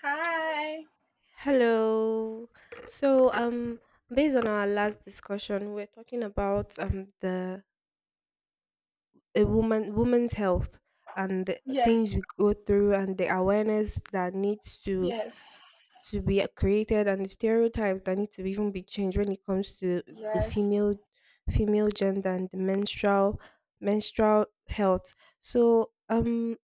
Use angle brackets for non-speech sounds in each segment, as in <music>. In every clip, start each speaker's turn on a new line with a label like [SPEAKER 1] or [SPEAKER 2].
[SPEAKER 1] Hi.
[SPEAKER 2] Hello. So, um, Based on our last discussion, we're talking about the a woman's health and the
[SPEAKER 1] Yes.
[SPEAKER 2] things we go through, and the awareness that needs to
[SPEAKER 1] Yes.
[SPEAKER 2] be created, and the stereotypes that need to even be changed when it comes to the
[SPEAKER 1] Yes.
[SPEAKER 2] female gender and the menstrual health. So,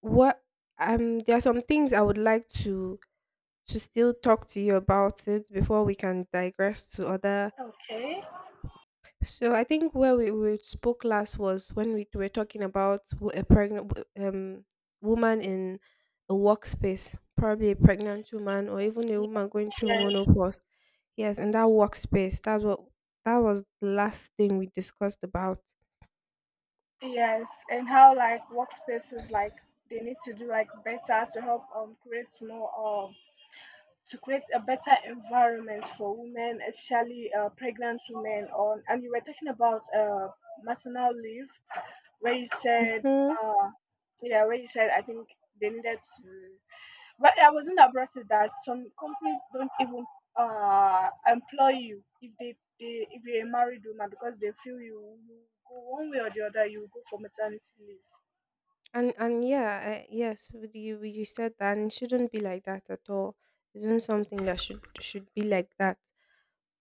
[SPEAKER 2] what There are some things I would like to still talk to you about it before we can digress to other.
[SPEAKER 1] Okay.
[SPEAKER 2] So I think where we spoke last was when we were talking about a pregnant woman in a workspace, probably a pregnant woman or even a woman going through
[SPEAKER 1] Yes.
[SPEAKER 2] menopause. Yes, in that workspace, that was the last thing we discussed about.
[SPEAKER 1] Yes. And how like workspaces like they need to do like better to help create more um to create a better environment for women, especially pregnant women. On and you were talking about maternal leave where you said
[SPEAKER 2] Mhm.
[SPEAKER 1] uh yeah where you said I think they needed to, but I was in that brought it that some companies don't even employ you if they if you're a married woman because they feel you go one way or the other, you go for maternity leave.
[SPEAKER 2] Yes, with you said that, and it shouldn't be like that at all. Isn't something that should be like that.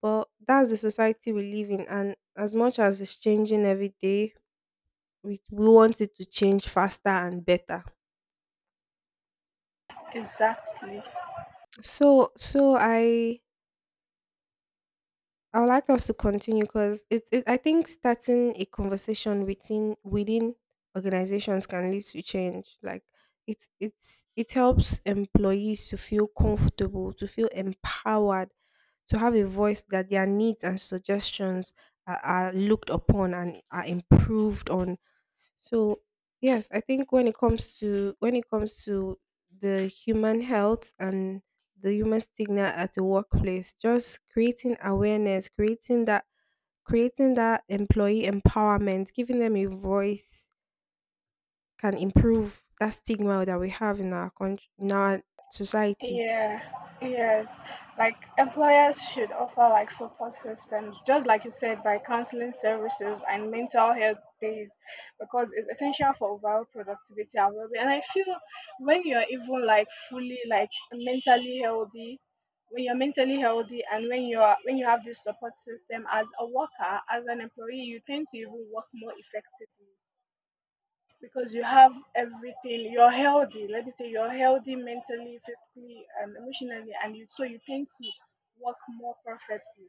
[SPEAKER 2] But that's the society we live in, and as much as it's changing every day, we want it to change faster and better.
[SPEAKER 1] Exactly.
[SPEAKER 2] So I would like us to continue, because it I think starting a conversation within organizations can lead to change. Like it helps employees to feel comfortable, to feel empowered, to have a voice, that their needs and suggestions are looked upon and are improved on. So yes, I think when it comes to the human health and the human stigma at the workplace, just creating awareness, creating that employee empowerment, giving them a voice, can improve that stigma that we have in our country, in our society.
[SPEAKER 1] Yeah, yes. Like employers should offer like support systems, just like you said, by counseling services and mental health days, because it's essential for overall productivity and well-being. And I feel when you're even like fully like mentally healthy, when you're mentally healthy and when you have this support system as a worker, as an employee, you tend to even work more effectively because you have everything, you're healthy, let me say you're healthy mentally, physically, and emotionally, and you, so you tend to work more perfectly.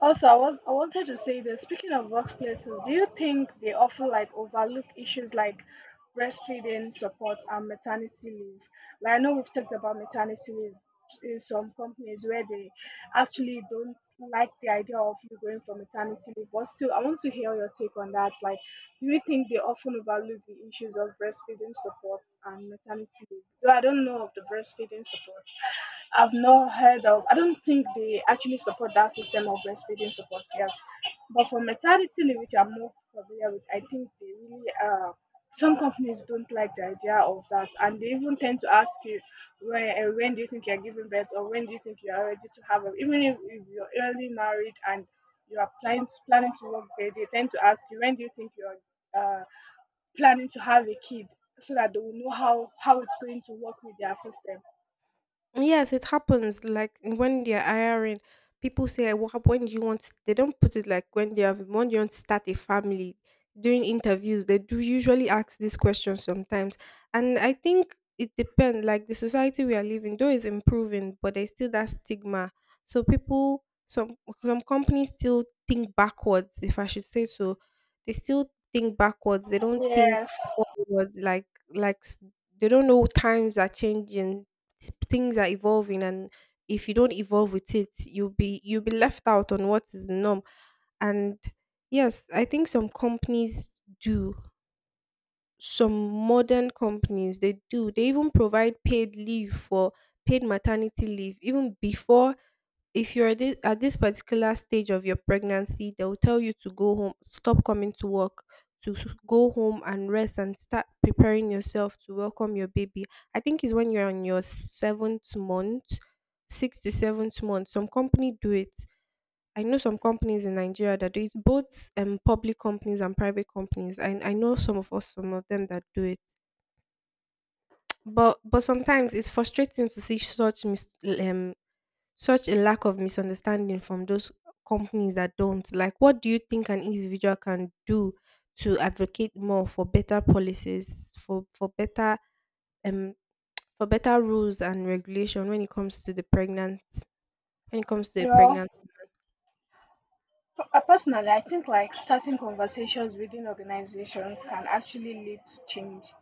[SPEAKER 1] Also, I wanted to say, this speaking of workplaces, do you think they often like overlook issues like breastfeeding support and maternity leave? Like I know we've talked about maternity leave in some companies where they actually don't like the idea of you going for maternity leave. But still, I want to hear your take on that. Like, do you think they often overlook the issues of breastfeeding support and maternity leave? Though I don't know of the breastfeeding support. I've not heard of, I don't think they actually support that system of breastfeeding support, yes. But for maternity leave, which I'm more familiar with, I think they really, some companies don't like the idea of that. And they even tend to ask you, when do you think you're giving birth? Or when do you think you're ready to have a, even if you're early married and you are planning to work there, they tend to ask you when do you think you're uh, planning to have a kid, so that they will know how it's going to work with their system.
[SPEAKER 2] Yes, it happens. Like when they're hiring, people say, "What? When do you want?" They don't put it like when they have, when do you want to start a family. During interviews, they do usually ask this question sometimes, and I think it depends. Like the society we are living, though, is improving, but there's still that stigma. So people, some companies still think backwards, if I should say so. They still think backwards. They don't think
[SPEAKER 1] Yes,
[SPEAKER 2] forward. Like like s- they don't know times are changing, things are evolving, and if you don't evolve with it, you'll be left out on what is the norm. And yes, I think some companies do. Some modern companies, they do. They even provide paid leave for paid maternity leave. Even before, if at this particular stage of your pregnancy, they'll tell you to go home, stop coming to work, go home and rest, and start preparing yourself to welcome your baby. I think it's when you're on your six to seventh month. Some company do it. I know some companies in Nigeria that do it, both public companies and private companies. I know some of them that do it. But sometimes it's frustrating to see such um such a lack of misunderstanding from those companies that don't, like, what do you think an individual can do to advocate more for better policies, for better um for better rules and regulation when it comes to the
[SPEAKER 1] you know.
[SPEAKER 2] pregnant
[SPEAKER 1] Personally, I think like starting conversations within organizations can actually lead to change.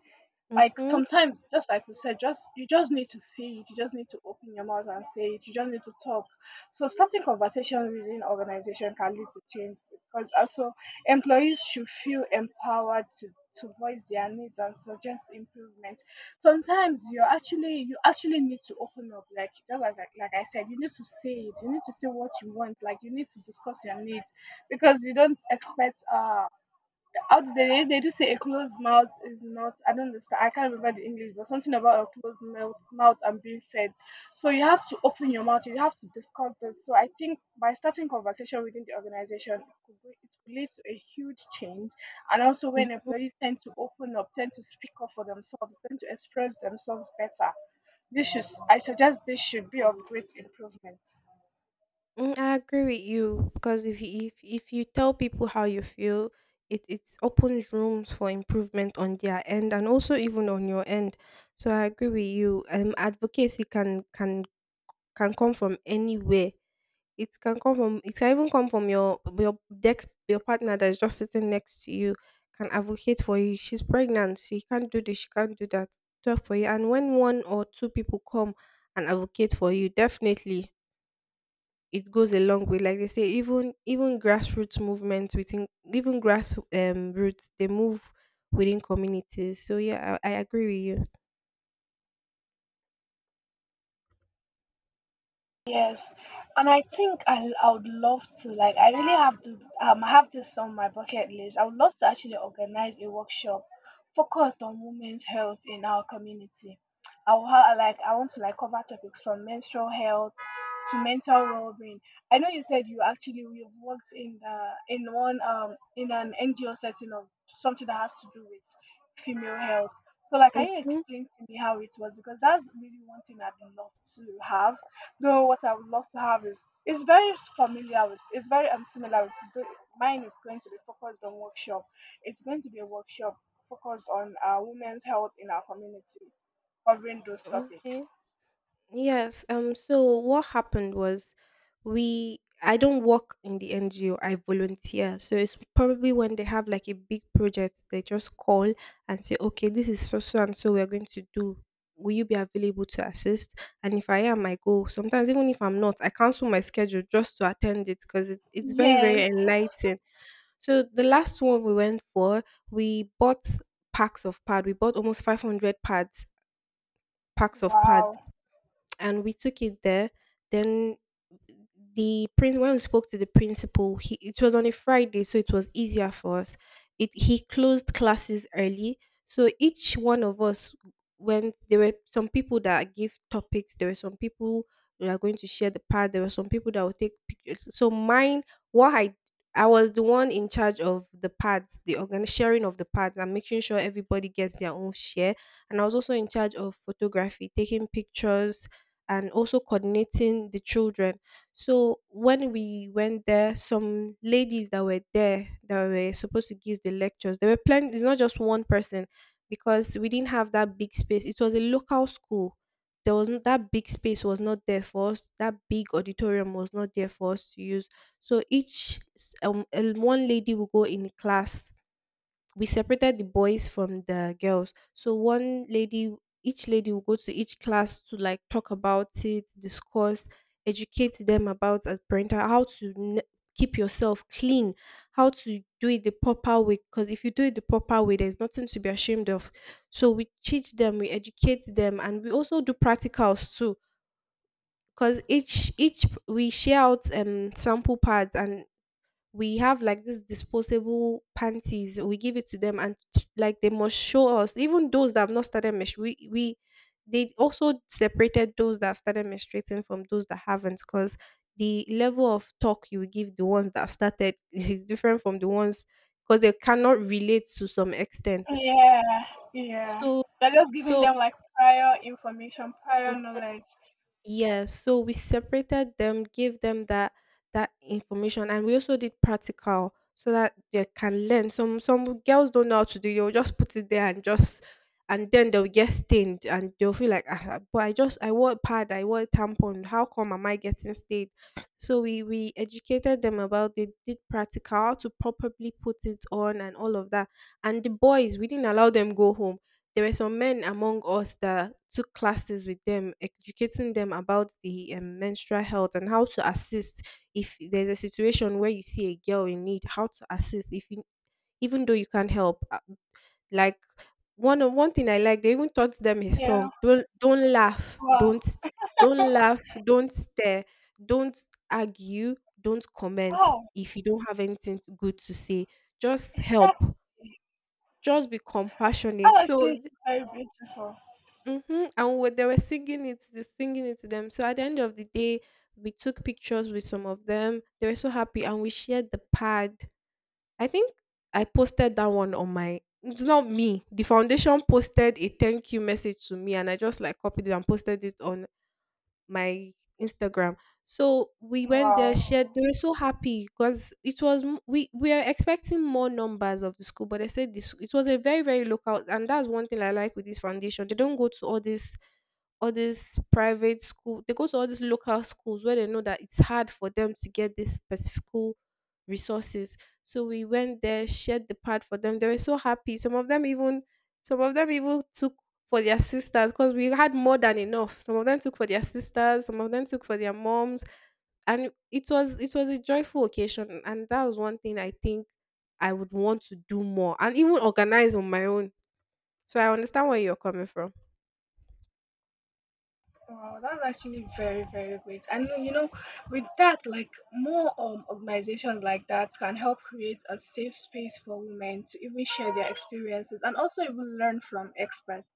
[SPEAKER 2] woman?
[SPEAKER 1] Like
[SPEAKER 2] Mm-hmm.
[SPEAKER 1] sometimes, just like we said, just you just need to see it. You just need to open your mouth and say it. You just need to talk. So starting conversation within organization can lead to change because also employees should feel empowered to voice their needs and suggest improvement. Sometimes you actually need to open up, like just like I said, you need to say it. You need to say what you want. Like you need to discuss your needs because you don't expect how do they do say a closed mouth is not, I don't understand, I can't remember the English, but something about a closed mouth and being fed. So you have to open your mouth, you have to discuss this. So I think by starting conversation within the organization it could be, it could lead to a huge change. And also when employees tend to open up, tend to speak up for themselves, tend to express themselves better, this should, I suggest this should be of great improvement.
[SPEAKER 2] Mm, I agree with you, because if you tell people how you feel, it opens rooms for improvement on their end, and also even on your end. So I agree with you. Advocacy can come from anywhere. It can come from, it can even come from your desk, your partner that is just sitting next to you can advocate for you. She's pregnant, she can't do this, she can't do that. Talk for you. And when one or two people come and advocate for you, definitely it goes a long way. Like they say, even grassroots movements within, even grass roots, they move within communities. So yeah, I agree with you.
[SPEAKER 1] Yes, and I think I would love to, like, I really have to have this on my bucket list. I would love to actually organize a workshop focused on women's health in our community. Like, I want to like cover topics from menstrual health to mental well-being. I know you said you've worked in the in one in an NGO setting of something that has to do with female health. So like, can you
[SPEAKER 2] Mm-hmm.
[SPEAKER 1] explain to me how it was? Because that's really one thing I'd love to have. Though what I would love to have is it's very familiar with, it's very similar with mine is going to be focused on workshop. It's going to be a workshop focused on women's health in our community, covering those topics.
[SPEAKER 2] Okay. Yes. Um, so what happened was, we I don't work in the NGO, I volunteer. So it's probably when they have like a big project, they just call and say, okay, this is so and so we're going to do. Will you be available to assist? And if I am, I go. Sometimes even if I'm not, I cancel my schedule just to attend it, because it's very very
[SPEAKER 1] Yes.
[SPEAKER 2] enlightening. So the last one we went for, we bought packs of pad. We bought almost 500 pads, packs of
[SPEAKER 1] Wow.
[SPEAKER 2] pads, and we took it there. Then the prince when we spoke to the principal, he it was on a Friday, so it was easier for us. It He closed classes early, so each one of us went. There were some people that give topics. There were some people that are going to share the part. There were some people that will take pictures. So mine, what I was the one in charge of the pads, the organ, sharing of the pads, and making sure everybody gets their own share. And I was also in charge of photography, taking pictures, and also coordinating the children. So when we went there, some ladies that were there that were supposed to give the lectures, there were plenty. It's not just one person, because we didn't have that big space. It was a local school. There was not that big space was not there for us. That big auditorium was not there for us to use. So one lady will go in class, we separated the boys from the girls. So one lady, each lady will go to each class to, like, talk about it, discuss, educate them about as parental, how to keep yourself clean, how to do it the proper way. Because if you do it the proper way, there's nothing to be ashamed of. So we teach them, we educate them, and we also do practicals too. Because each we share out sample pads, and we have like this disposable panties, we give it to them, and like they must show us. Even those that have not started menstru- we they also separated those that have started menstruating from those that haven't, because the level of talk you will give the ones that have started <laughs> is different from the ones, because they cannot relate to some extent.
[SPEAKER 1] Yeah. Yeah.
[SPEAKER 2] so
[SPEAKER 1] They're just giving them
[SPEAKER 2] so
[SPEAKER 1] like prior information, prior knowledge.
[SPEAKER 2] Yeah, so we separated them, gave them that information, and we also did practical so that they can learn. Some girls don't know how to do. You'll just put it there, and just, and then they'll get stained, and they'll feel like, ah, ah, but I wore a pad, I wore a tampon. How come am I getting stained? So we educated them about, they did practical, how to properly put it on and all of that. And the boys, we didn't allow them go home. There were some men among us that took classes with them, educating them about the menstrual health and how to assist if there's a situation where you see a girl in need, how to assist if you, even though you can't help. Like, one thing I like, they even taught them a
[SPEAKER 1] Yeah.
[SPEAKER 2] song.
[SPEAKER 1] Wow.
[SPEAKER 2] Don't laugh, don't stare, don't argue, don't comment
[SPEAKER 1] Wow.
[SPEAKER 2] if you don't have anything good to say. Just help,
[SPEAKER 1] Exactly.
[SPEAKER 2] just be compassionate.
[SPEAKER 1] That actually is
[SPEAKER 2] So
[SPEAKER 1] very beautiful.
[SPEAKER 2] mm-hmm. And what they were singing it, they singing it to them. So at the end of the day, we took pictures with some of them. They were so happy, and we shared the pad. I think I posted that one on my. It's not me. The foundation posted a thank you message to me, and I just like copied it and posted it on my Instagram. So we went there,
[SPEAKER 1] Wow.
[SPEAKER 2] shared. They were so happy, because it was m- we are expecting more numbers of the school, but they said this, it was a very very local, and that's one thing I like with this foundation. They don't go to all these private school, they go to all these local schools where they know that it's hard for them to get these specific resources. So we went there, shared the part for them, they were so happy. Some of them even took for their sisters, because we had more than enough. Some of them took for their sisters, some of them took for their moms, and it was a joyful occasion, and that was one thing I think I would want to do more, and even organize on my own. So I understand where you're coming from.
[SPEAKER 1] Wow, that's actually very, very great. And you know, with that, like more organizations like that can help create a safe space for women to even share their experiences and also even learn from experts.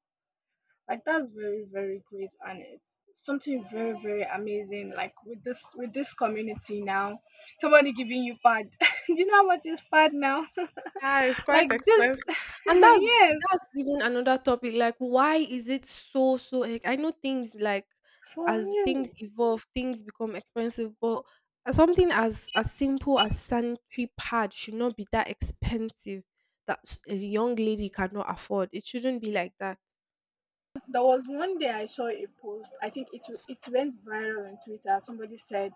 [SPEAKER 1] Like that's very, very great and it's something very, very amazing. Like with this community now, somebody giving you pad. <laughs> Do you know how much is pad now? <laughs>
[SPEAKER 2] Yeah, it's
[SPEAKER 1] Like
[SPEAKER 2] quite
[SPEAKER 1] this
[SPEAKER 2] expensive.
[SPEAKER 1] <laughs>
[SPEAKER 2] And
[SPEAKER 1] yes,
[SPEAKER 2] that's even another topic. Like, why is it so like, I know things like
[SPEAKER 1] for
[SPEAKER 2] as things
[SPEAKER 1] real.
[SPEAKER 2] evolve, things become expensive, but something as simple as sanitary pad should not be that expensive that a young lady cannot afford. It shouldn't be like that.
[SPEAKER 1] There was one day I saw a post. I think it went viral on Twitter. Somebody said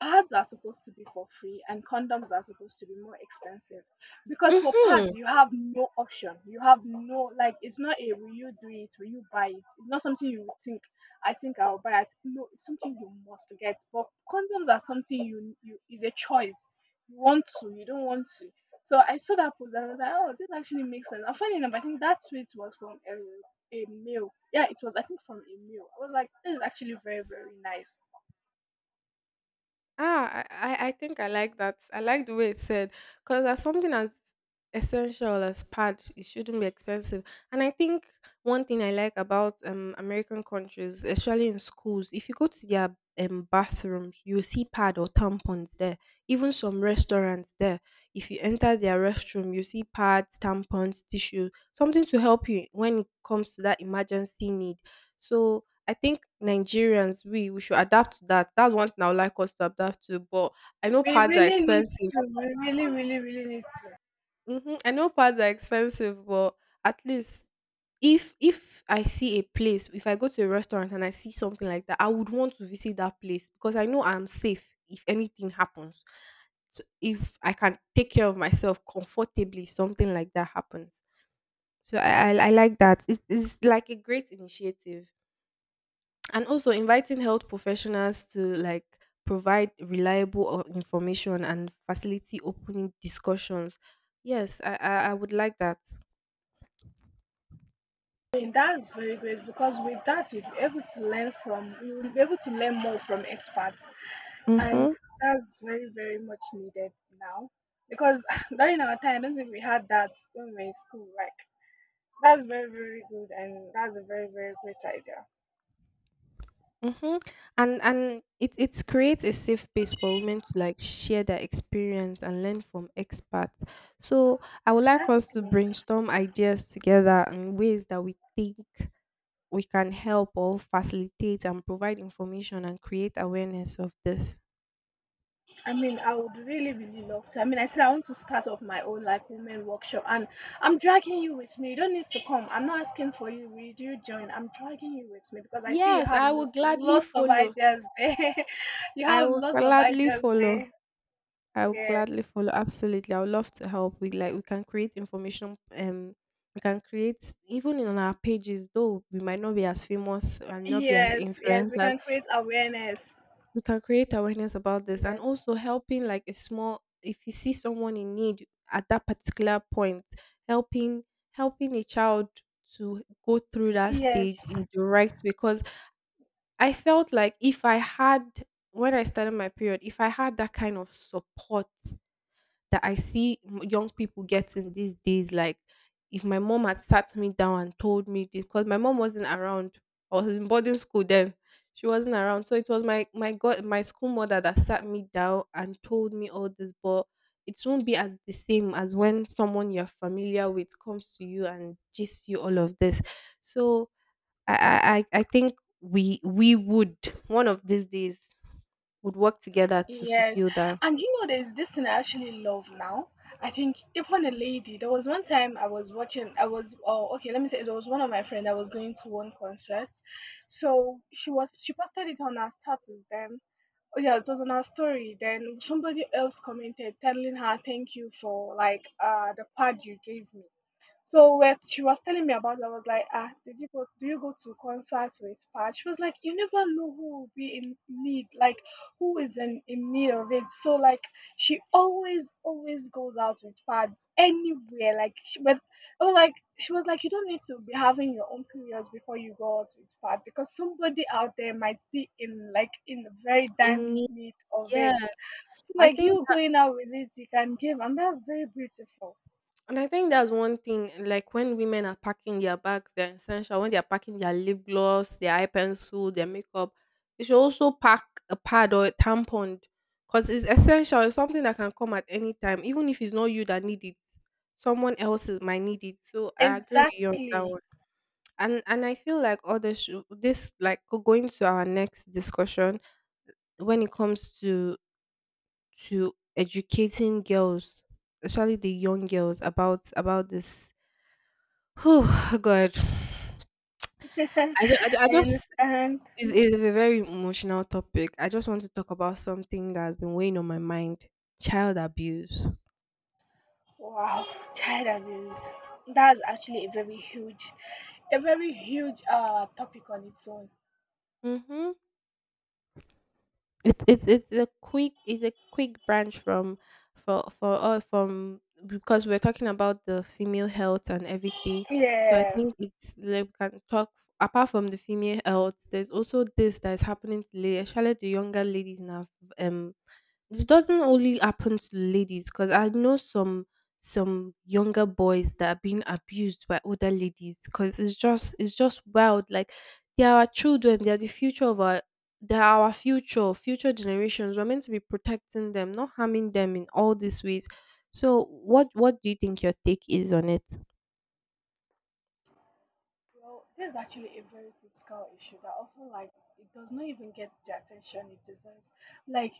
[SPEAKER 1] pads are supposed to be for free and condoms are supposed to be more expensive because for pads
[SPEAKER 2] hmm
[SPEAKER 1] you have no option. You have no, like, it's not a will you do it, will you buy it? It's not something you would think, I think I'll buy it. No, it's something you must get. But condoms are something you is a choice. You want to, you don't want to. So I saw that post and I was like, oh, this actually makes sense. And funny enough, I think that tweet was from a male. Yeah, it was I think from a male. I was like, this is actually very very nice.
[SPEAKER 2] Ah, I think I like that. I like the way it said because as something as essential as pad, it shouldn't be expensive. And I think one thing I like about American countries, especially in schools, if you go to their bathrooms, you'll see pad or tampons there. Even some restaurants there, if you enter their restroom, you see pads, tampons, tissue, something to help you when it comes to that emergency need. So I think Nigerians, we should adapt to that. That's one thing I would like us to adapt to. But I know
[SPEAKER 1] We
[SPEAKER 2] pads are
[SPEAKER 1] really need
[SPEAKER 2] expensive.
[SPEAKER 1] to. We really, really, really need to.
[SPEAKER 2] I know pads are expensive, but at least if I see a place, if I go to a restaurant and I see something like that, I would want to visit that place because I know I'm safe if anything happens. So if I can take care of myself comfortably, if something like that happens. So I like that. It is like a great initiative. And also inviting health professionals to like provide reliable or information and facility opening discussions, yes, I would like that.
[SPEAKER 1] And that's very great because with that, you'll be able to learn from, you'll be able to learn more from experts. And
[SPEAKER 2] Mm-hmm.
[SPEAKER 1] that's very, very much needed now because <laughs> during our time, I don't think we had that when we were in school. Like, that's very, very good. And that's a very, very great idea.
[SPEAKER 2] Mm-hmm. And it creates a safe space for women to like share their experience and learn from experts, so I would like us to
[SPEAKER 1] Exactly.
[SPEAKER 2] brainstorm ideas together and ways that we think we can help or facilitate and provide information and create awareness of this.
[SPEAKER 1] I mean, I would really, really love to. I mean, I said I want to start off my own like women workshop, and I'm dragging you with me. You don't need to come. I'm not asking for you, will you join? I'm dragging you with me because I see you
[SPEAKER 2] Yes,
[SPEAKER 1] have
[SPEAKER 2] I will
[SPEAKER 1] lots,
[SPEAKER 2] gladly
[SPEAKER 1] lots of
[SPEAKER 2] follow.
[SPEAKER 1] ideas there. <laughs> you
[SPEAKER 2] I
[SPEAKER 1] have
[SPEAKER 2] will
[SPEAKER 1] lots of
[SPEAKER 2] gladly
[SPEAKER 1] ideas
[SPEAKER 2] follow.
[SPEAKER 1] there.
[SPEAKER 2] I will
[SPEAKER 1] Yeah.
[SPEAKER 2] gladly follow. Absolutely. I would love to help. We like we can create information. We can create even in our pages, though we might not be as famous and not be as
[SPEAKER 1] Yes. Yes. We
[SPEAKER 2] influencers,
[SPEAKER 1] can create awareness.
[SPEAKER 2] we can create awareness about this and
[SPEAKER 1] Yes.
[SPEAKER 2] also helping like a small if you see someone in need at that particular point, helping helping a child to go through that
[SPEAKER 1] Yes.
[SPEAKER 2] stage in the right because. I felt like if I had, when I started my period, if I had that kind of support that I see young people getting these days, like if my mom had sat me down and told me this, because my mom wasn't around, I was in boarding school then. She wasn't around, so it was my god my school mother that sat me down and told me all this. But it won't be as the same as when someone you're familiar with comes to you and gives you all of this. So I think we would one of these days would work together to
[SPEAKER 1] Yes,
[SPEAKER 2] fulfill that.
[SPEAKER 1] and you know, there's this thing I actually love now. I think even a lady, there was one time I was watching. I was, oh, okay, let me say it was one of my friend. I was going to one concert, so she posted it on her status. Then oh yeah, it was on her story. Then somebody else commented telling her thank you for like the pad you gave me. So when she was telling me about it, I was like, ah, did you go? Do you go to concerts with Pat? She was like, you never know who will be in need, like who is in need of it. So like she always, always goes out with Pat anywhere. Like she, but oh, like she was like, you don't need to be having your own periods before you go out with Pat because somebody out there might be in like in the very dire
[SPEAKER 2] In
[SPEAKER 1] need of
[SPEAKER 2] yeah,
[SPEAKER 1] it. So
[SPEAKER 2] I
[SPEAKER 1] like
[SPEAKER 2] think
[SPEAKER 1] you going out with it, you can give, and that's very beautiful.
[SPEAKER 2] and I think that's one thing. Like when women are packing their bags, they're essential. When they're packing their lip gloss, their eye pencil, their makeup, they should also pack a pad or a tampon because it's essential. It's something that can come at any time, even if it's not you that need it. Someone might need it. So I agree with you on that
[SPEAKER 1] Exactly.
[SPEAKER 2] one. And I feel like all this this like going to our next discussion when it comes to educating girls, especially the young girls about this. Oh <sighs> God, I just, I, ju-
[SPEAKER 1] <laughs>
[SPEAKER 2] I
[SPEAKER 1] I
[SPEAKER 2] just
[SPEAKER 1] understand.
[SPEAKER 2] it's a very emotional topic. I just want to talk about something that has been weighing on my mind: child abuse.
[SPEAKER 1] Wow, child abuse. That's actually a very huge topic on its own.
[SPEAKER 2] Mm-hmm. It's a quick branch from for all from because we're talking about the female health and everything. So I
[SPEAKER 1] Yeah.
[SPEAKER 2] think it's like we can talk apart from the female health, there's also this that is happening to ladies, especially the younger ladies now. Um this doesn't only happen to ladies because I know some younger boys that are being abused by older ladies because it's just wild. Like they are our children, they are the future of our they're our future, future generations. We're meant to be protecting them, not harming them in all these ways. So, what do you think your take is on it?
[SPEAKER 1] Well, this is actually a very critical issue that often like it does not even get the attention it deserves. Like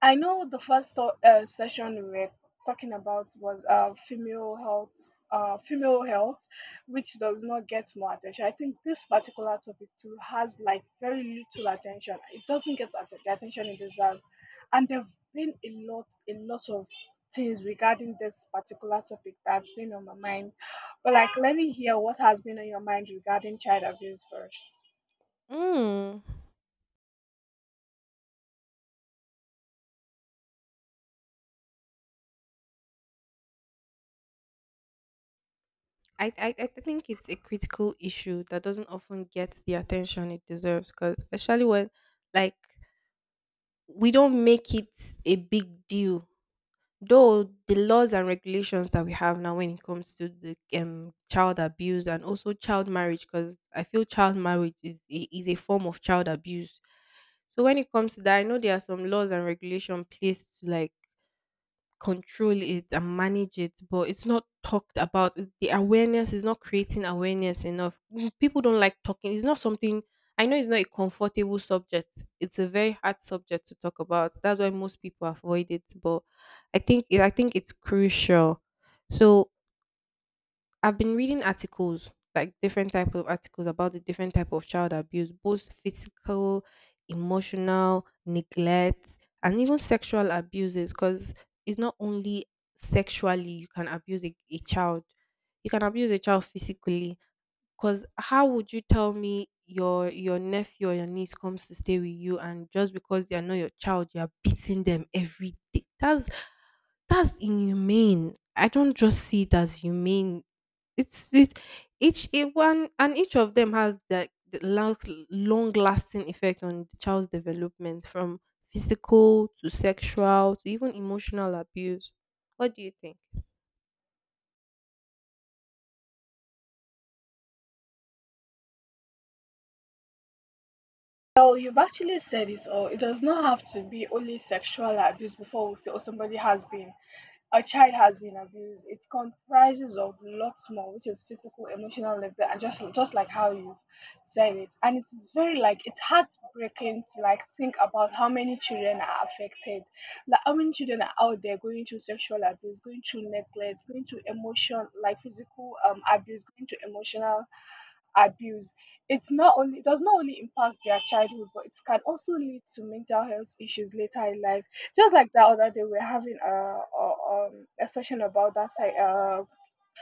[SPEAKER 1] I know the first session we were talking about was female health, which does not get more attention. I think this particular topic too has like very little attention. It doesn't get at- the attention it deserves, and there've been a lot of things regarding this particular topic that's been on my mind. But like, let me hear what has been on your mind regarding child abuse first.
[SPEAKER 2] Mm. I think it's a critical issue that doesn't often get the attention it deserves. Because especially when, like, we don't make it a big deal. Though the laws and regulations that we have now when it comes to the child abuse and also child marriage, because I feel child marriage is is a form of child abuse. So when it comes to that, I know there are some laws and regulation placed to like control it and manage it, but it's not talked about. The awareness is not creating awareness enough. <laughs> People don't like talking. It's not something I know it's not a comfortable subject. It's a very hard subject to talk about. That's why most people avoid it. But I think it's crucial. So I've been reading articles, like different type of articles about the different type of child abuse, both physical, emotional, neglect, and even sexual abuses. Because it's not only sexually you can abuse a child, you can abuse a child physically. Because how would you tell me your nephew or your niece comes to stay with you, and just because they are not your child, you are beating them every day? That's inhumane. I don't just see it as humane it's it each one and each of them has like the last long lasting effect on the child's development from physical to sexual to even emotional abuse. What do you think?
[SPEAKER 1] Well, you've actually said it all. It does not have to be only sexual abuse before we say, oh, somebody has been, a child has been abused. It comprises of lots more, which is physical, emotional, labor, and just like how you said it. And it is very it's heartbreaking to think about how many children are affected, like how many children are out there going through sexual abuse, going through neglect, going through emotion, like physical abuse, going through emotional abuse. It's not only, it does not only impact their childhood, but it can also lead to mental health issues later in life. Just like the other day, we are having a session about that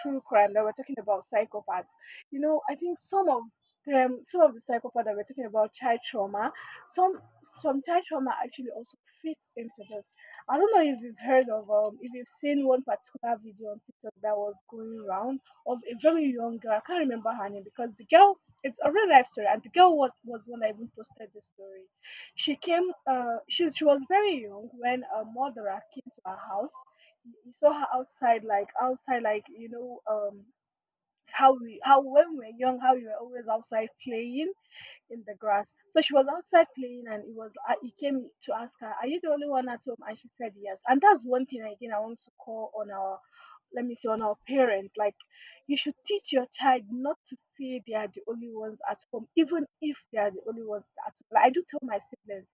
[SPEAKER 1] true crime, that we're talking about psychopaths. I think some of them, some of the psychopaths that we're talking about child trauma, some some child trauma actually also fits into this. I don't know if you've heard of if you've seen one particular video on TikTok that was going around of a very young girl. I can't remember her name because the girl, it's a real life story, and the girl was, when I even posted the story, she came, she was very young when a murderer came to our house. You saw her outside, like how we, how when we were young, how we were always outside playing in the grass. So she was outside playing, and it was he came to ask her, "Are you the only one at home?" And she said, "Yes." And that's one thing again I want to call on our, let me say, on our parents. Like, you should teach your child not to say they are the only ones at home, even if they are the only ones at home. Like, I do tell my siblings,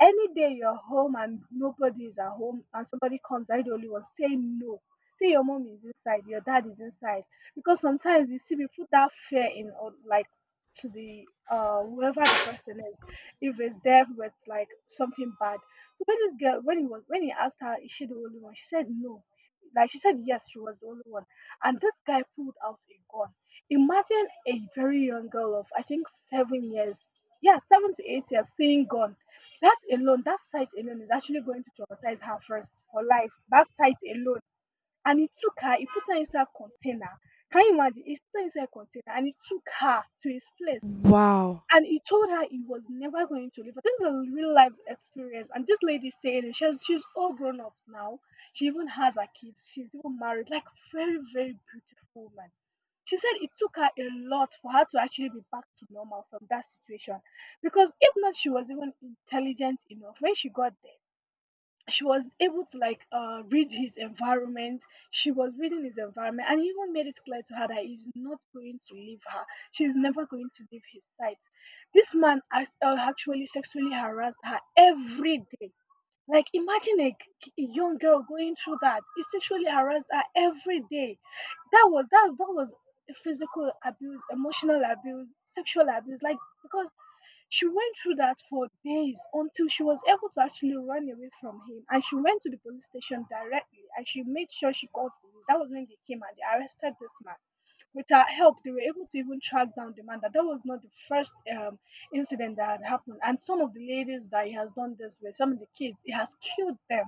[SPEAKER 1] any day you're home and nobody is at home, and somebody comes, "Are you the only one?" Say no. Say your mom is inside, your dad is inside, because sometimes you see, we put that fear in, or like, to the whoever the person is, if it's death with like something bad. So when this girl, when he asked her is she the only one, she said no, like she said yes, she was the only one. And this guy pulled out a gun. Imagine a very young girl of, I think, 7 years. Yeah, 7 to 8 years, seeing gun. That alone, that sight alone is actually going to traumatize her first for life, that sight alone. And he took her, he put her inside a container. Can you imagine? He put her inside a container and he took her to his place.
[SPEAKER 2] Wow.
[SPEAKER 1] And he told her he was never going to leave her. This is a real life experience. And this lady saying it, she's all grown up now. She even has her kids. She's even married. Like, very, very beautiful woman. She said it took her a lot for her to actually be back to normal from that situation. Because if not, she was even intelligent enough when she got there, she was able to read his environment. She was reading his environment, and he even made it clear to her that he's not going to leave her, she's never going to leave his side. This man actually sexually harassed her every day. Like, imagine a young girl going through that, he sexually harassed her every day. That was physical abuse, emotional abuse, sexual abuse, like, because she went through that for days until she was able to actually run away from him, and she went to the police station directly and she made sure she called police. That was when they came and they arrested this man. With her help, they were able to even track down the man. That was not the first incident that had happened. And some of the ladies that he has done this with, some of the kids, he has killed them.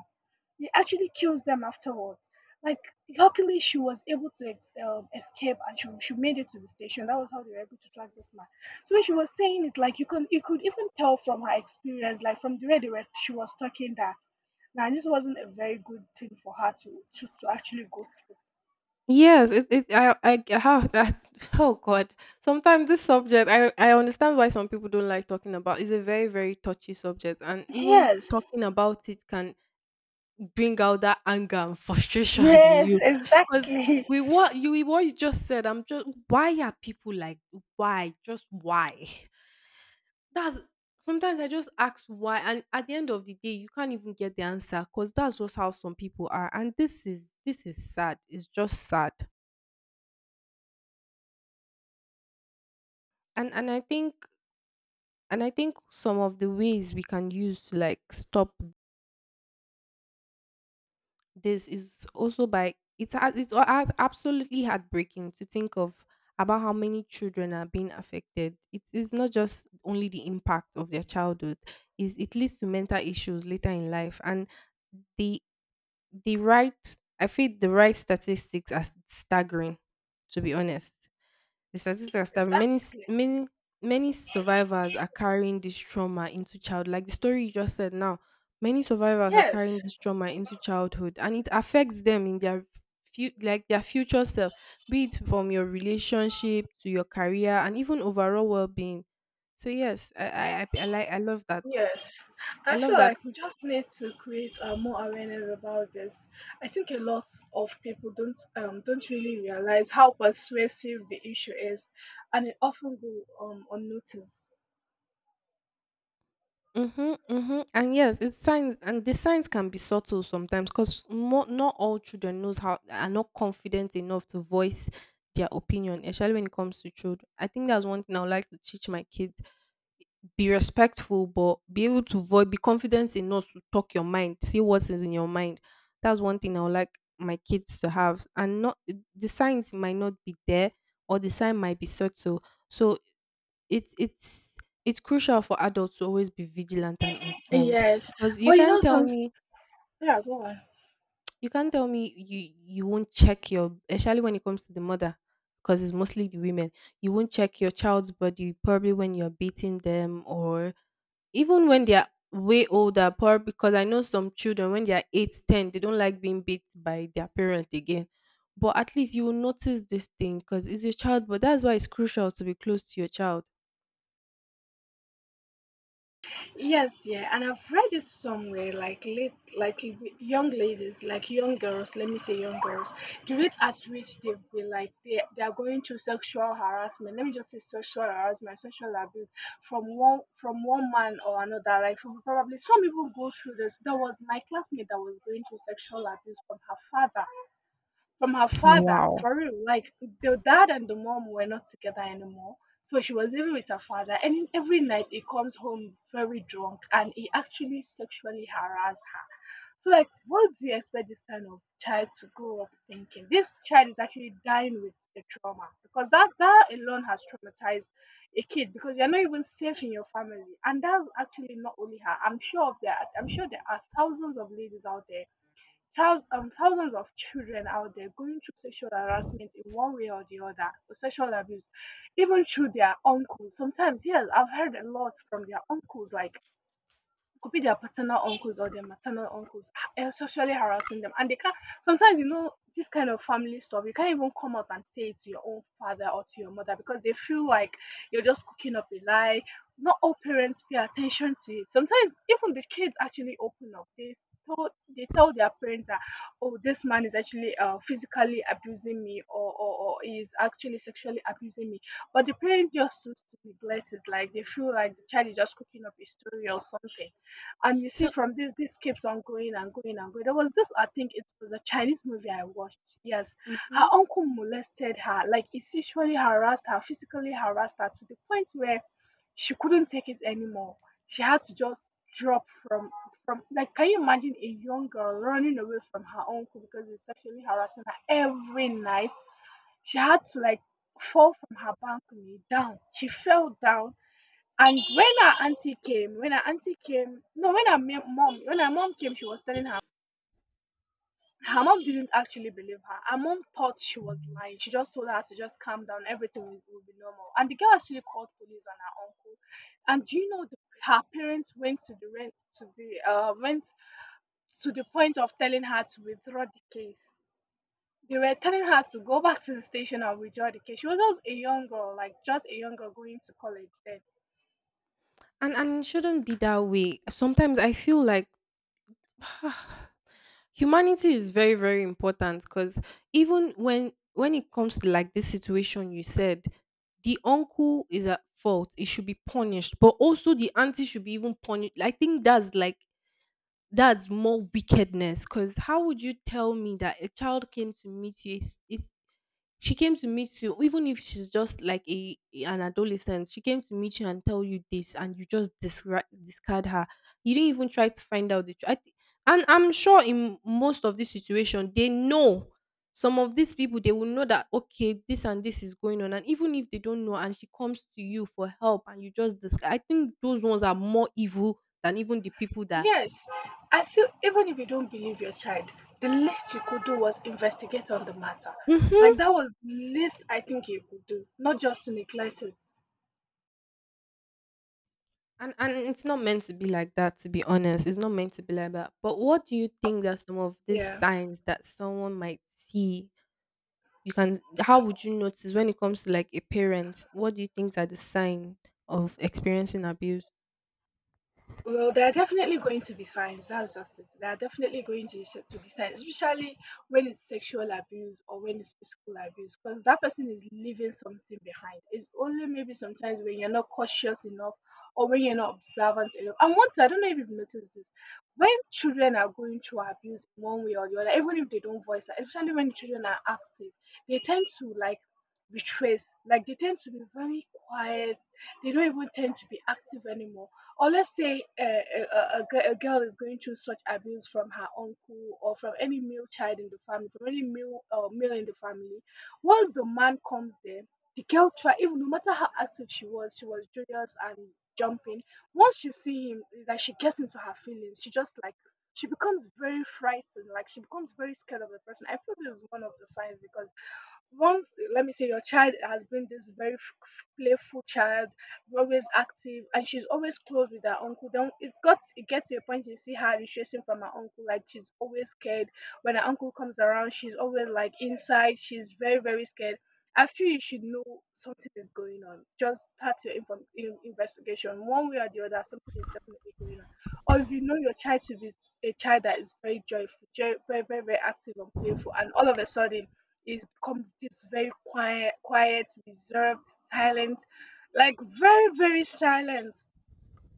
[SPEAKER 1] He actually kills them afterwards. Like, luckily, she was able to escape, and she made it to the station. That was how they were able to track this man. So when she was saying it, like you could even tell from her experience, like from the way they were, she was talking, that now this wasn't a very good thing for her to actually go through.
[SPEAKER 2] Yes, it I have that. <laughs> Oh god. Sometimes this subject I understand why some people don't like talking about. It's a very very touchy subject and even
[SPEAKER 1] Yes.
[SPEAKER 2] talking about it can bring out that anger and frustration <laughs> in
[SPEAKER 1] Yes,
[SPEAKER 2] you because
[SPEAKER 1] exactly.
[SPEAKER 2] we what you with what you just said, I'm just why are people like why just why. That's sometimes I just ask why, and at the end of the day you can't even get the answer because that's just how some people are, and this is sad, it's just sad. And and i think and I think some of the ways we can use to like stop this is also by absolutely heartbreaking to think of about how many children are being affected. It is not just only the impact of their childhood; is it leads to mental issues later in life, and the the right, I feel the right statistics are staggering. To be honest. The statistics that many
[SPEAKER 1] Exactly.
[SPEAKER 2] many many survivors are carrying this trauma into child like the story you just said now, many survivors are
[SPEAKER 1] Yes.
[SPEAKER 2] carrying this trauma into childhood and it affects them in their like their future self, be it from your relationship to your career and even overall well-being. So yes, I like I love that.
[SPEAKER 1] Yes, I
[SPEAKER 2] I
[SPEAKER 1] feel
[SPEAKER 2] love that.
[SPEAKER 1] like we just need to create more awareness about this. I think a lot of people don't really realize how persuasive the issue is, and it often go unnoticed.
[SPEAKER 2] Mhm, mhm, and yes, it's signs, and the signs can be subtle sometimes because not all children knows how are not confident enough to voice their opinion, especially when it comes to children. I think that's one thing I would like to teach my kids: be respectful, but be able to voice, be confident enough to talk your mind, see what's in your mind. That's one thing I would like my kids to have, and not the signs might not be there, or the sign might be subtle. So it's it's it's crucial for adults to always be vigilant and informed
[SPEAKER 1] Yes,
[SPEAKER 2] because you
[SPEAKER 1] but you know
[SPEAKER 2] can't tell
[SPEAKER 1] some.
[SPEAKER 2] me
[SPEAKER 1] Yeah, go on.
[SPEAKER 2] <tsk> you can't tell me you you won't check your especially when it comes to the mother because it's mostly the women, you won't check your child's body probably when you're beating them or even when they're way older probably because I know some children when they're 8, 10 they don't like being beat by their parent again, but at least you will notice this thing because it's your child, but that's why it's crucial to be close to your child.
[SPEAKER 1] Yes, yeah, and I've read it somewhere, like late, like young ladies, like young girls. Let me say young girls. The rate at which they've been like they are going through sexual harassment. Let me just say sexual harassment, sexual abuse from one man or another. Like from, probably some even go through this. There was my classmate that was going through sexual abuse from her father,
[SPEAKER 2] Wow.
[SPEAKER 1] for real. Like, the dad and the mom were not together anymore, so she was living with her father, and every night he comes home very drunk and he actually sexually harassed her. So like, what do you expect this kind of child to grow up thinking? This child is actually dying with the trauma, because that alone has traumatized a kid, because you're not even safe in your family. And that's actually not only her, I'm sure of that. I'm sure there are thousands of ladies out there, thousands of children out there going through sexual harassment in one way or the other, or sexual abuse, even through their uncles. Sometimes, yes, I've heard a lot from their uncles, like, could be their paternal uncles or their maternal uncles sexually harassing them, and they can't. Sometimes, you know, this kind of family stuff, you can't even come out and say it to your own father or to your mother, because they feel like you're just cooking up a lie. Not all parents pay attention to it. Sometimes even the kids actually open up, they tell, they tell their parents that, oh, this man is actually physically abusing me, or he is actually sexually abusing me, but the parent just choose to neglect it. Like, they feel like the child is just cooking up a story or something. And you see,
[SPEAKER 2] so
[SPEAKER 1] from this, this keeps on going and going and going. There was this, I think it was a Chinese movie I watched. Yes. Her
[SPEAKER 2] mhm.
[SPEAKER 1] uncle molested her, like he sexually harassed her, physically harassed her to the point where she couldn't take it anymore. She had to just drop from, like, can you imagine a young girl running away from her uncle because he's sexually harassing her every night? She had to like fall from her balcony down. She fell down, and when her auntie came, when her auntie came, no, when her mom, when her mom came, she was telling her, her mom didn't actually believe her. Her mom thought she was lying. She just told her to just calm down, everything will be normal. And the girl actually called police and her uncle. And do you know, her parents went to the rent to the went to the point of telling her to withdraw the case. They were telling her to go back to the station and withdraw the case. She was just a young girl, like just a young girl going to college then.
[SPEAKER 2] And it shouldn't be that way. Sometimes I feel like <sighs> humanity is very very important because even when it comes to like this situation you said the uncle is at fault it should be punished but also the auntie should be even punished, I think that's like that's more wickedness because how would you tell me that a child came to meet you a, s- a she came to meet you, even if she's just like a an adolescent. She came to meet you and tell you this, and you just discard her. You didn't even try to find out the truth. And I'm sure in most of this situation, they know some of these people. They will know that okay, this and this is going on, and even if they don't know, and she comes to you for help, and you just discard. I think those ones are more evil than even the people that.
[SPEAKER 1] Yes, I feel even if you don't believe your child, the least you could do was investigate on the matter.
[SPEAKER 2] Mhm.
[SPEAKER 1] Like, that was the least I think you could do, not just to neglect it.
[SPEAKER 2] And it's not meant to be like that, to be honest. It's not meant to be like that. But what do you think that some of these
[SPEAKER 1] Yeah.
[SPEAKER 2] signs that someone might see? You can how would you notice when it comes to like a parent? What do you think are the sign of experiencing abuse?
[SPEAKER 1] Well, there are definitely going to be signs. That's just it. There are definitely going to, to be signs, especially when it's sexual abuse or when it's physical abuse, because that person is leaving something behind. It's only maybe sometimes when you're not cautious enough or when you're not observant enough. And once, I don't know if you've noticed this, when children are going through abuse in one way or the other, even if they don't voice it, especially when children are active, they tend to like retrace, like they tend to be very quiet. They don't even tend to be active anymore. Or let's say a girl is going through such abuse from her uncle or from any male child in the family, from any male male in the family, once the man comes there, the girl try, even no matter how active she was joyous and jumping. Once she see him, it's like she gets into her feelings, she just like, she becomes very frightened, like she becomes very scared of the person. I feel this is one of the signs because once, let me say your child has been this very playful child, always active and she's always close with her uncle, then it gets to a point you see her retracing from her uncle, like she's always scared. When her uncle comes around, she's always like inside, she's very very scared. I feel you should know something is going on. Just start your investigation one way or the other, something is definitely going on. Or if you know your child to be a child that is very joyful, very very very active and playful, and all of a sudden it's become this very quiet, quiet, reserved, silent, like very, very silent.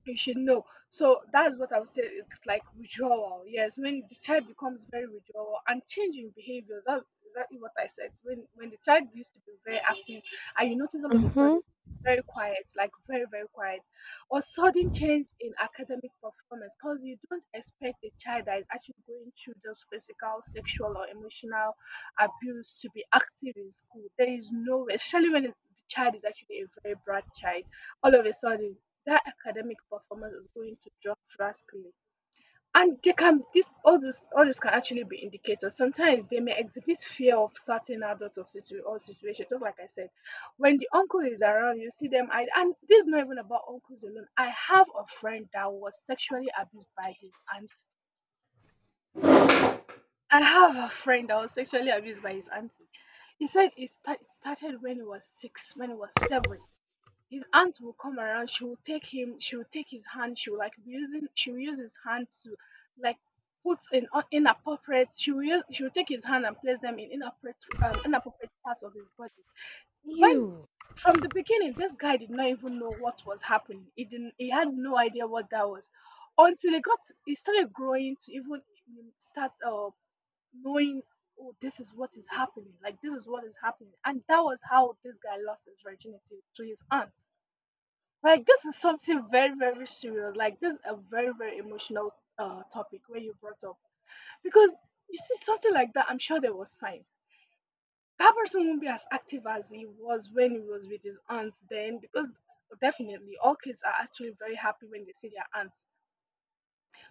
[SPEAKER 1] You should know. So that's what I would say. It's like withdrawal. Yes, when the child becomes very withdrawal and changing behaviors. That's exactly what I said. When the child used to be very active, and you notice all of a sudden
[SPEAKER 2] Mm-hmm.
[SPEAKER 1] very quiet, like very very quiet, or sudden change in academic performance, because you don't expect a child that is actually going through just physical, sexual, or emotional abuse to be active in school. There is no way, especially when the child is actually a very bright child. All of a sudden that academic performance is going to drop drastically. And they can, this all this all this can actually be indicators. Sometimes they may exhibit fear of certain adults, of situation. Just like I said, when the uncle is around, you see them. And this is not even about uncles alone. I have a friend that was sexually abused by his aunt. I have a friend that was sexually abused by his auntie. He said it started when he was six, when he was seven. His aunt will come around, she will take him, she will take his hand, she will like be using, she will use his hand to like put in inappropriate, she will use, she will take his hand and place them in inappropriate inappropriate parts of his body when
[SPEAKER 2] You.
[SPEAKER 1] from the beginning. This guy did not even know what was happening. He didn't, he had no idea what that was, until he got, he started growing to even mm, start knowing, oh, this is what is happening, like this is what is happening. And that was how this guy lost his virginity to his aunt. Like this is something very very serious. Like this is a very very emotional topic where you brought up, because you see something like that. I'm sure there was signs that person won't be as active as he was when he was with his aunts then, because definitely all kids are actually very happy when they see their aunts.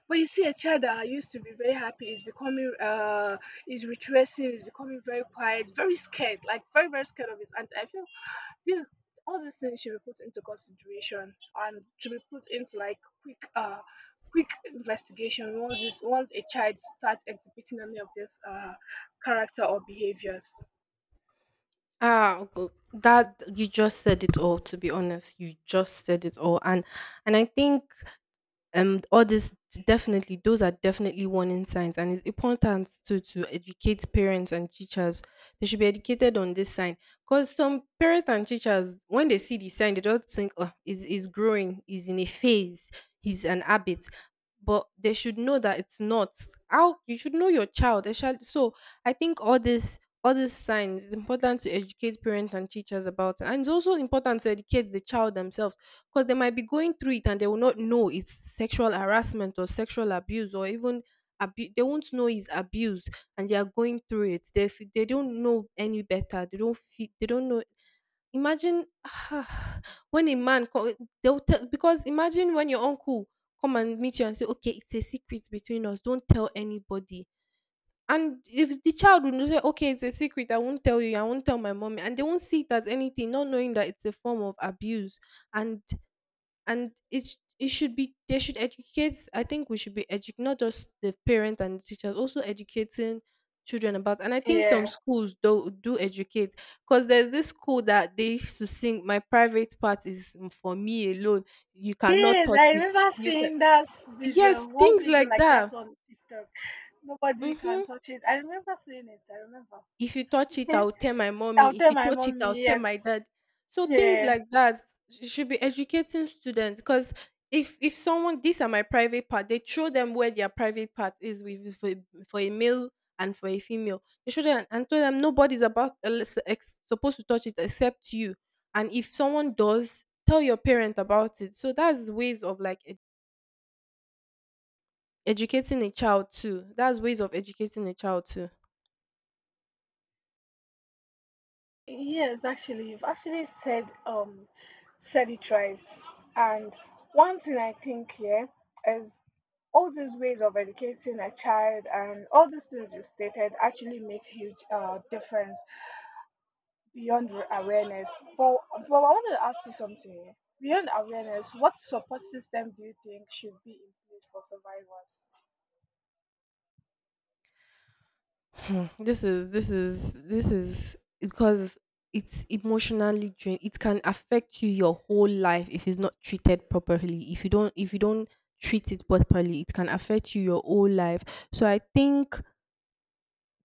[SPEAKER 1] But you see a child that used to be very happy is becoming is retracing, is becoming very quiet, very scared, like very very scared of his aunt. I feel these all these things should be put into consideration and should be put into like quick quick investigation once once a child starts exhibiting any of this character or behaviors.
[SPEAKER 2] That you just said it all. To be honest, you just said it all, and I think all this, definitely those are definitely warning signs, and it's important to educate parents and teachers. They should be educated on this sign, because some parents and teachers, when they see the sign, they don't think, oh, is growing, is in a phase, he's an habit. But they should know that it's not. How you should know your child they, so I think all this all these signs, it's important to educate parents and teachers about it. And it's also important to educate the child themselves, because they might be going through it and they will not know it's sexual harassment or sexual abuse, or even they won't know it's abuse, and they are going through it, they don't know any better, they don't feel, they don't know. Imagine <sighs> when a they'll tell, because imagine when your uncle come and meet you and say, okay, it's a secret between us, don't tell anybody. And if the child would say, okay, it's a secret, I won't tell you, I won't tell my mommy, and they won't see it as anything, not knowing that it's a form of abuse. And and it's it should be, they should educate. I think we should be not just the parent and the teachers, also educating children about. And I think some
[SPEAKER 1] Yeah.
[SPEAKER 2] schools do educate, because there's this school that they used to sing, my private part is for me alone, you cannot
[SPEAKER 1] Yes,
[SPEAKER 2] touch
[SPEAKER 1] I
[SPEAKER 2] it.
[SPEAKER 1] remember
[SPEAKER 2] You can,
[SPEAKER 1] seeing that video,
[SPEAKER 2] yes,
[SPEAKER 1] one
[SPEAKER 2] things
[SPEAKER 1] video
[SPEAKER 2] like
[SPEAKER 1] like that
[SPEAKER 2] that.
[SPEAKER 1] on TikTok. Nobody can
[SPEAKER 2] Hmm.
[SPEAKER 1] touch it. I remember seeing it. I remember.
[SPEAKER 2] If you touch it, I'll tell my
[SPEAKER 1] <laughs> I'll
[SPEAKER 2] mommy. If
[SPEAKER 1] tell
[SPEAKER 2] you
[SPEAKER 1] my
[SPEAKER 2] touch it, I'll
[SPEAKER 1] mommy,
[SPEAKER 2] tell
[SPEAKER 1] yes.
[SPEAKER 2] my dad. So things
[SPEAKER 1] Yeah.
[SPEAKER 2] like that should be educating students, because if someone, these are my private part, they show them where their private part is with for, for a male and for a female. They show them and tell them nobody's about supposed to touch it except you. And if someone does, tell your parent about it. So that's ways of like educating a child too. That's ways of educating a child too.
[SPEAKER 1] Yes, actually, you've actually said it right. And one thing I think here is all these ways of educating a child and all these things you stated actually make huge difference beyond awareness. But I wanted to ask you something here. Beyond awareness, what support system do you think should be in place for survivors?
[SPEAKER 2] Hmm, this is because it's emotionally drain, it can affect you your whole life. If it's not treated properly, if you don't, if you don't treat it properly, it can affect you your whole life. So I think,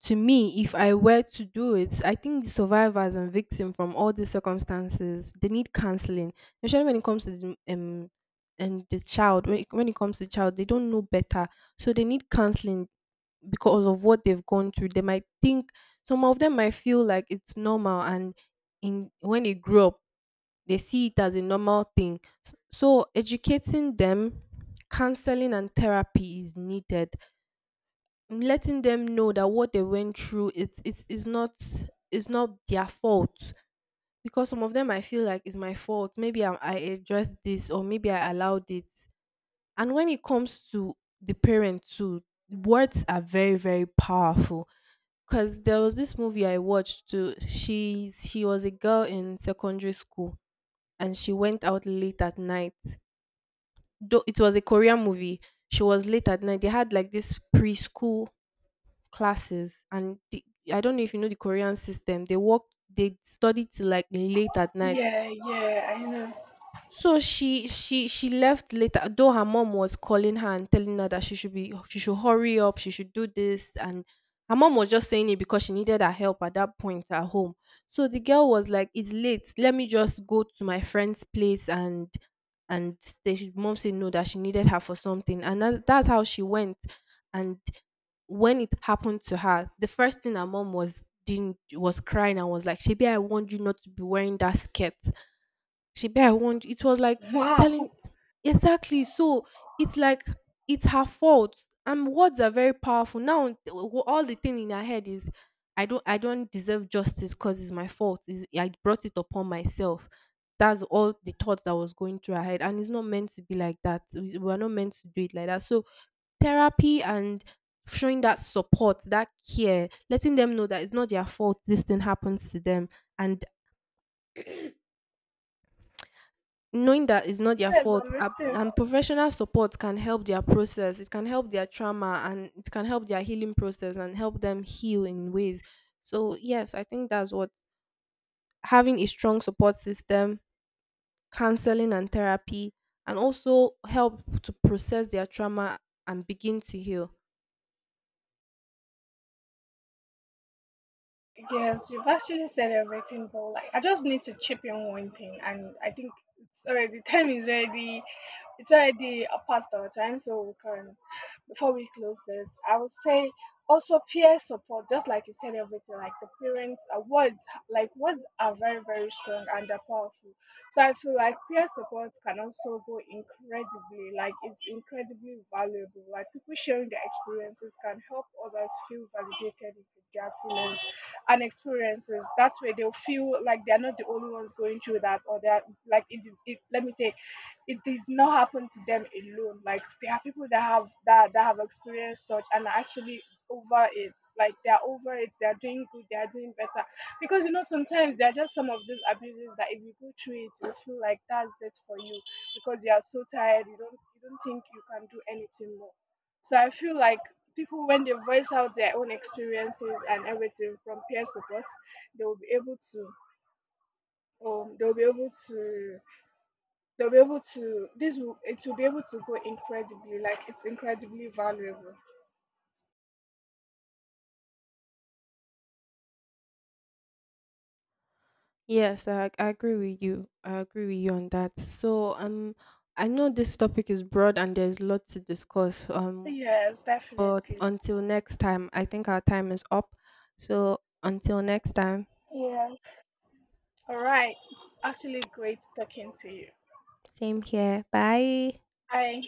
[SPEAKER 2] to me, if I were to do it, I think the survivors and victims from all the circumstances, they need counseling, especially when it comes to and the child, when it comes to child, they don't know better, so they need counseling because of what they've gone through. They might think, some of them might feel like it's normal, and in when they grow up, they see it as a normal thing. So educating them, counseling and therapy is needed. And letting them know that what they went through, it's not, it's not their fault. Because some of them, I feel like it's my fault. Maybe I addressed this, or maybe I allowed it. And when it comes to the parent too, words are very, very powerful. Cause there was this movie I watched too. She was a girl in secondary school, and she went out late at night. Though it was a Korean movie, she was late at night. They had like this preschool classes, and the, I don't know if you know the Korean system. They work, they study till like late at night.
[SPEAKER 1] Yeah, yeah, I know. <laughs>
[SPEAKER 2] So she left later, though her mom was calling her and telling her that she should be, she should hurry up, she should do this, and her mom was just saying it because she needed her help at that point at home. So the girl was like, "It's late. Let me just go to my friend's place and stay." She- Mom said no, that she needed her for something, and that, that's how she went. And when it happened to her, the first thing her mom was didn't was crying and was like, "Shebi, I warned you not to be wearing that skirt. Shebi, I want you." It was like
[SPEAKER 1] Wow.
[SPEAKER 2] telling, exactly. So it's like it's her fault, and words are very powerful. Now all the thing in her head is, I don't deserve justice because it's my fault. Is I brought it upon myself." That's all the thoughts that was going through her head, and it's not meant to be like that. We are not meant to do it like that. So therapy and showing that support, that care, letting them know that it's not their fault. This thing happens to them, and knowing that it's not their
[SPEAKER 1] Yes,
[SPEAKER 2] fault
[SPEAKER 1] I'm
[SPEAKER 2] uh,
[SPEAKER 1] listening.
[SPEAKER 2] and professional support can help their process, it can help their trauma, and it can help their healing process and help them heal in ways. So yes, I think that's what, having a strong support system, counseling and therapy, and also help to process their trauma and begin to heal.
[SPEAKER 1] Yes, you've actually said everything, but like I just need to chip in one thing. And I think it's already time is already it's already past our time, so we can, before we close this, I would say also peer support. Just like you said, everything like the parents, words, like words are very, very strong and they're powerful. So I feel like peer support can also go incredibly, like it's incredibly valuable. Like people sharing their experiences can help others feel validated with their feelings and experiences. That way they'll feel like they're not the only ones going through that, or they're like, let me say, it did not happen to them alone. Like there are people that have that that have experienced such and are actually over it. Like they are over it. They are doing good. They are doing better. Because you know sometimes there are just some of these abuses that if you go through it, you feel like that's it for you, because you are so tired. You don't think you can do anything more. So I feel like people, when they voice out their own experiences and everything from peer support, they will be able to um, they'll be able to they'll be able to, this will be able to go incredibly, like it's incredibly valuable.
[SPEAKER 2] Yes, I agree with you, I agree with you on that. So I know this topic is broad and there's lots to discuss.
[SPEAKER 1] Yes,
[SPEAKER 2] But
[SPEAKER 1] definitely.
[SPEAKER 2] until next time, I think our time is up. So until next time,
[SPEAKER 1] All right. It's actually great talking to you.
[SPEAKER 2] same here. Bye.
[SPEAKER 1] Bye.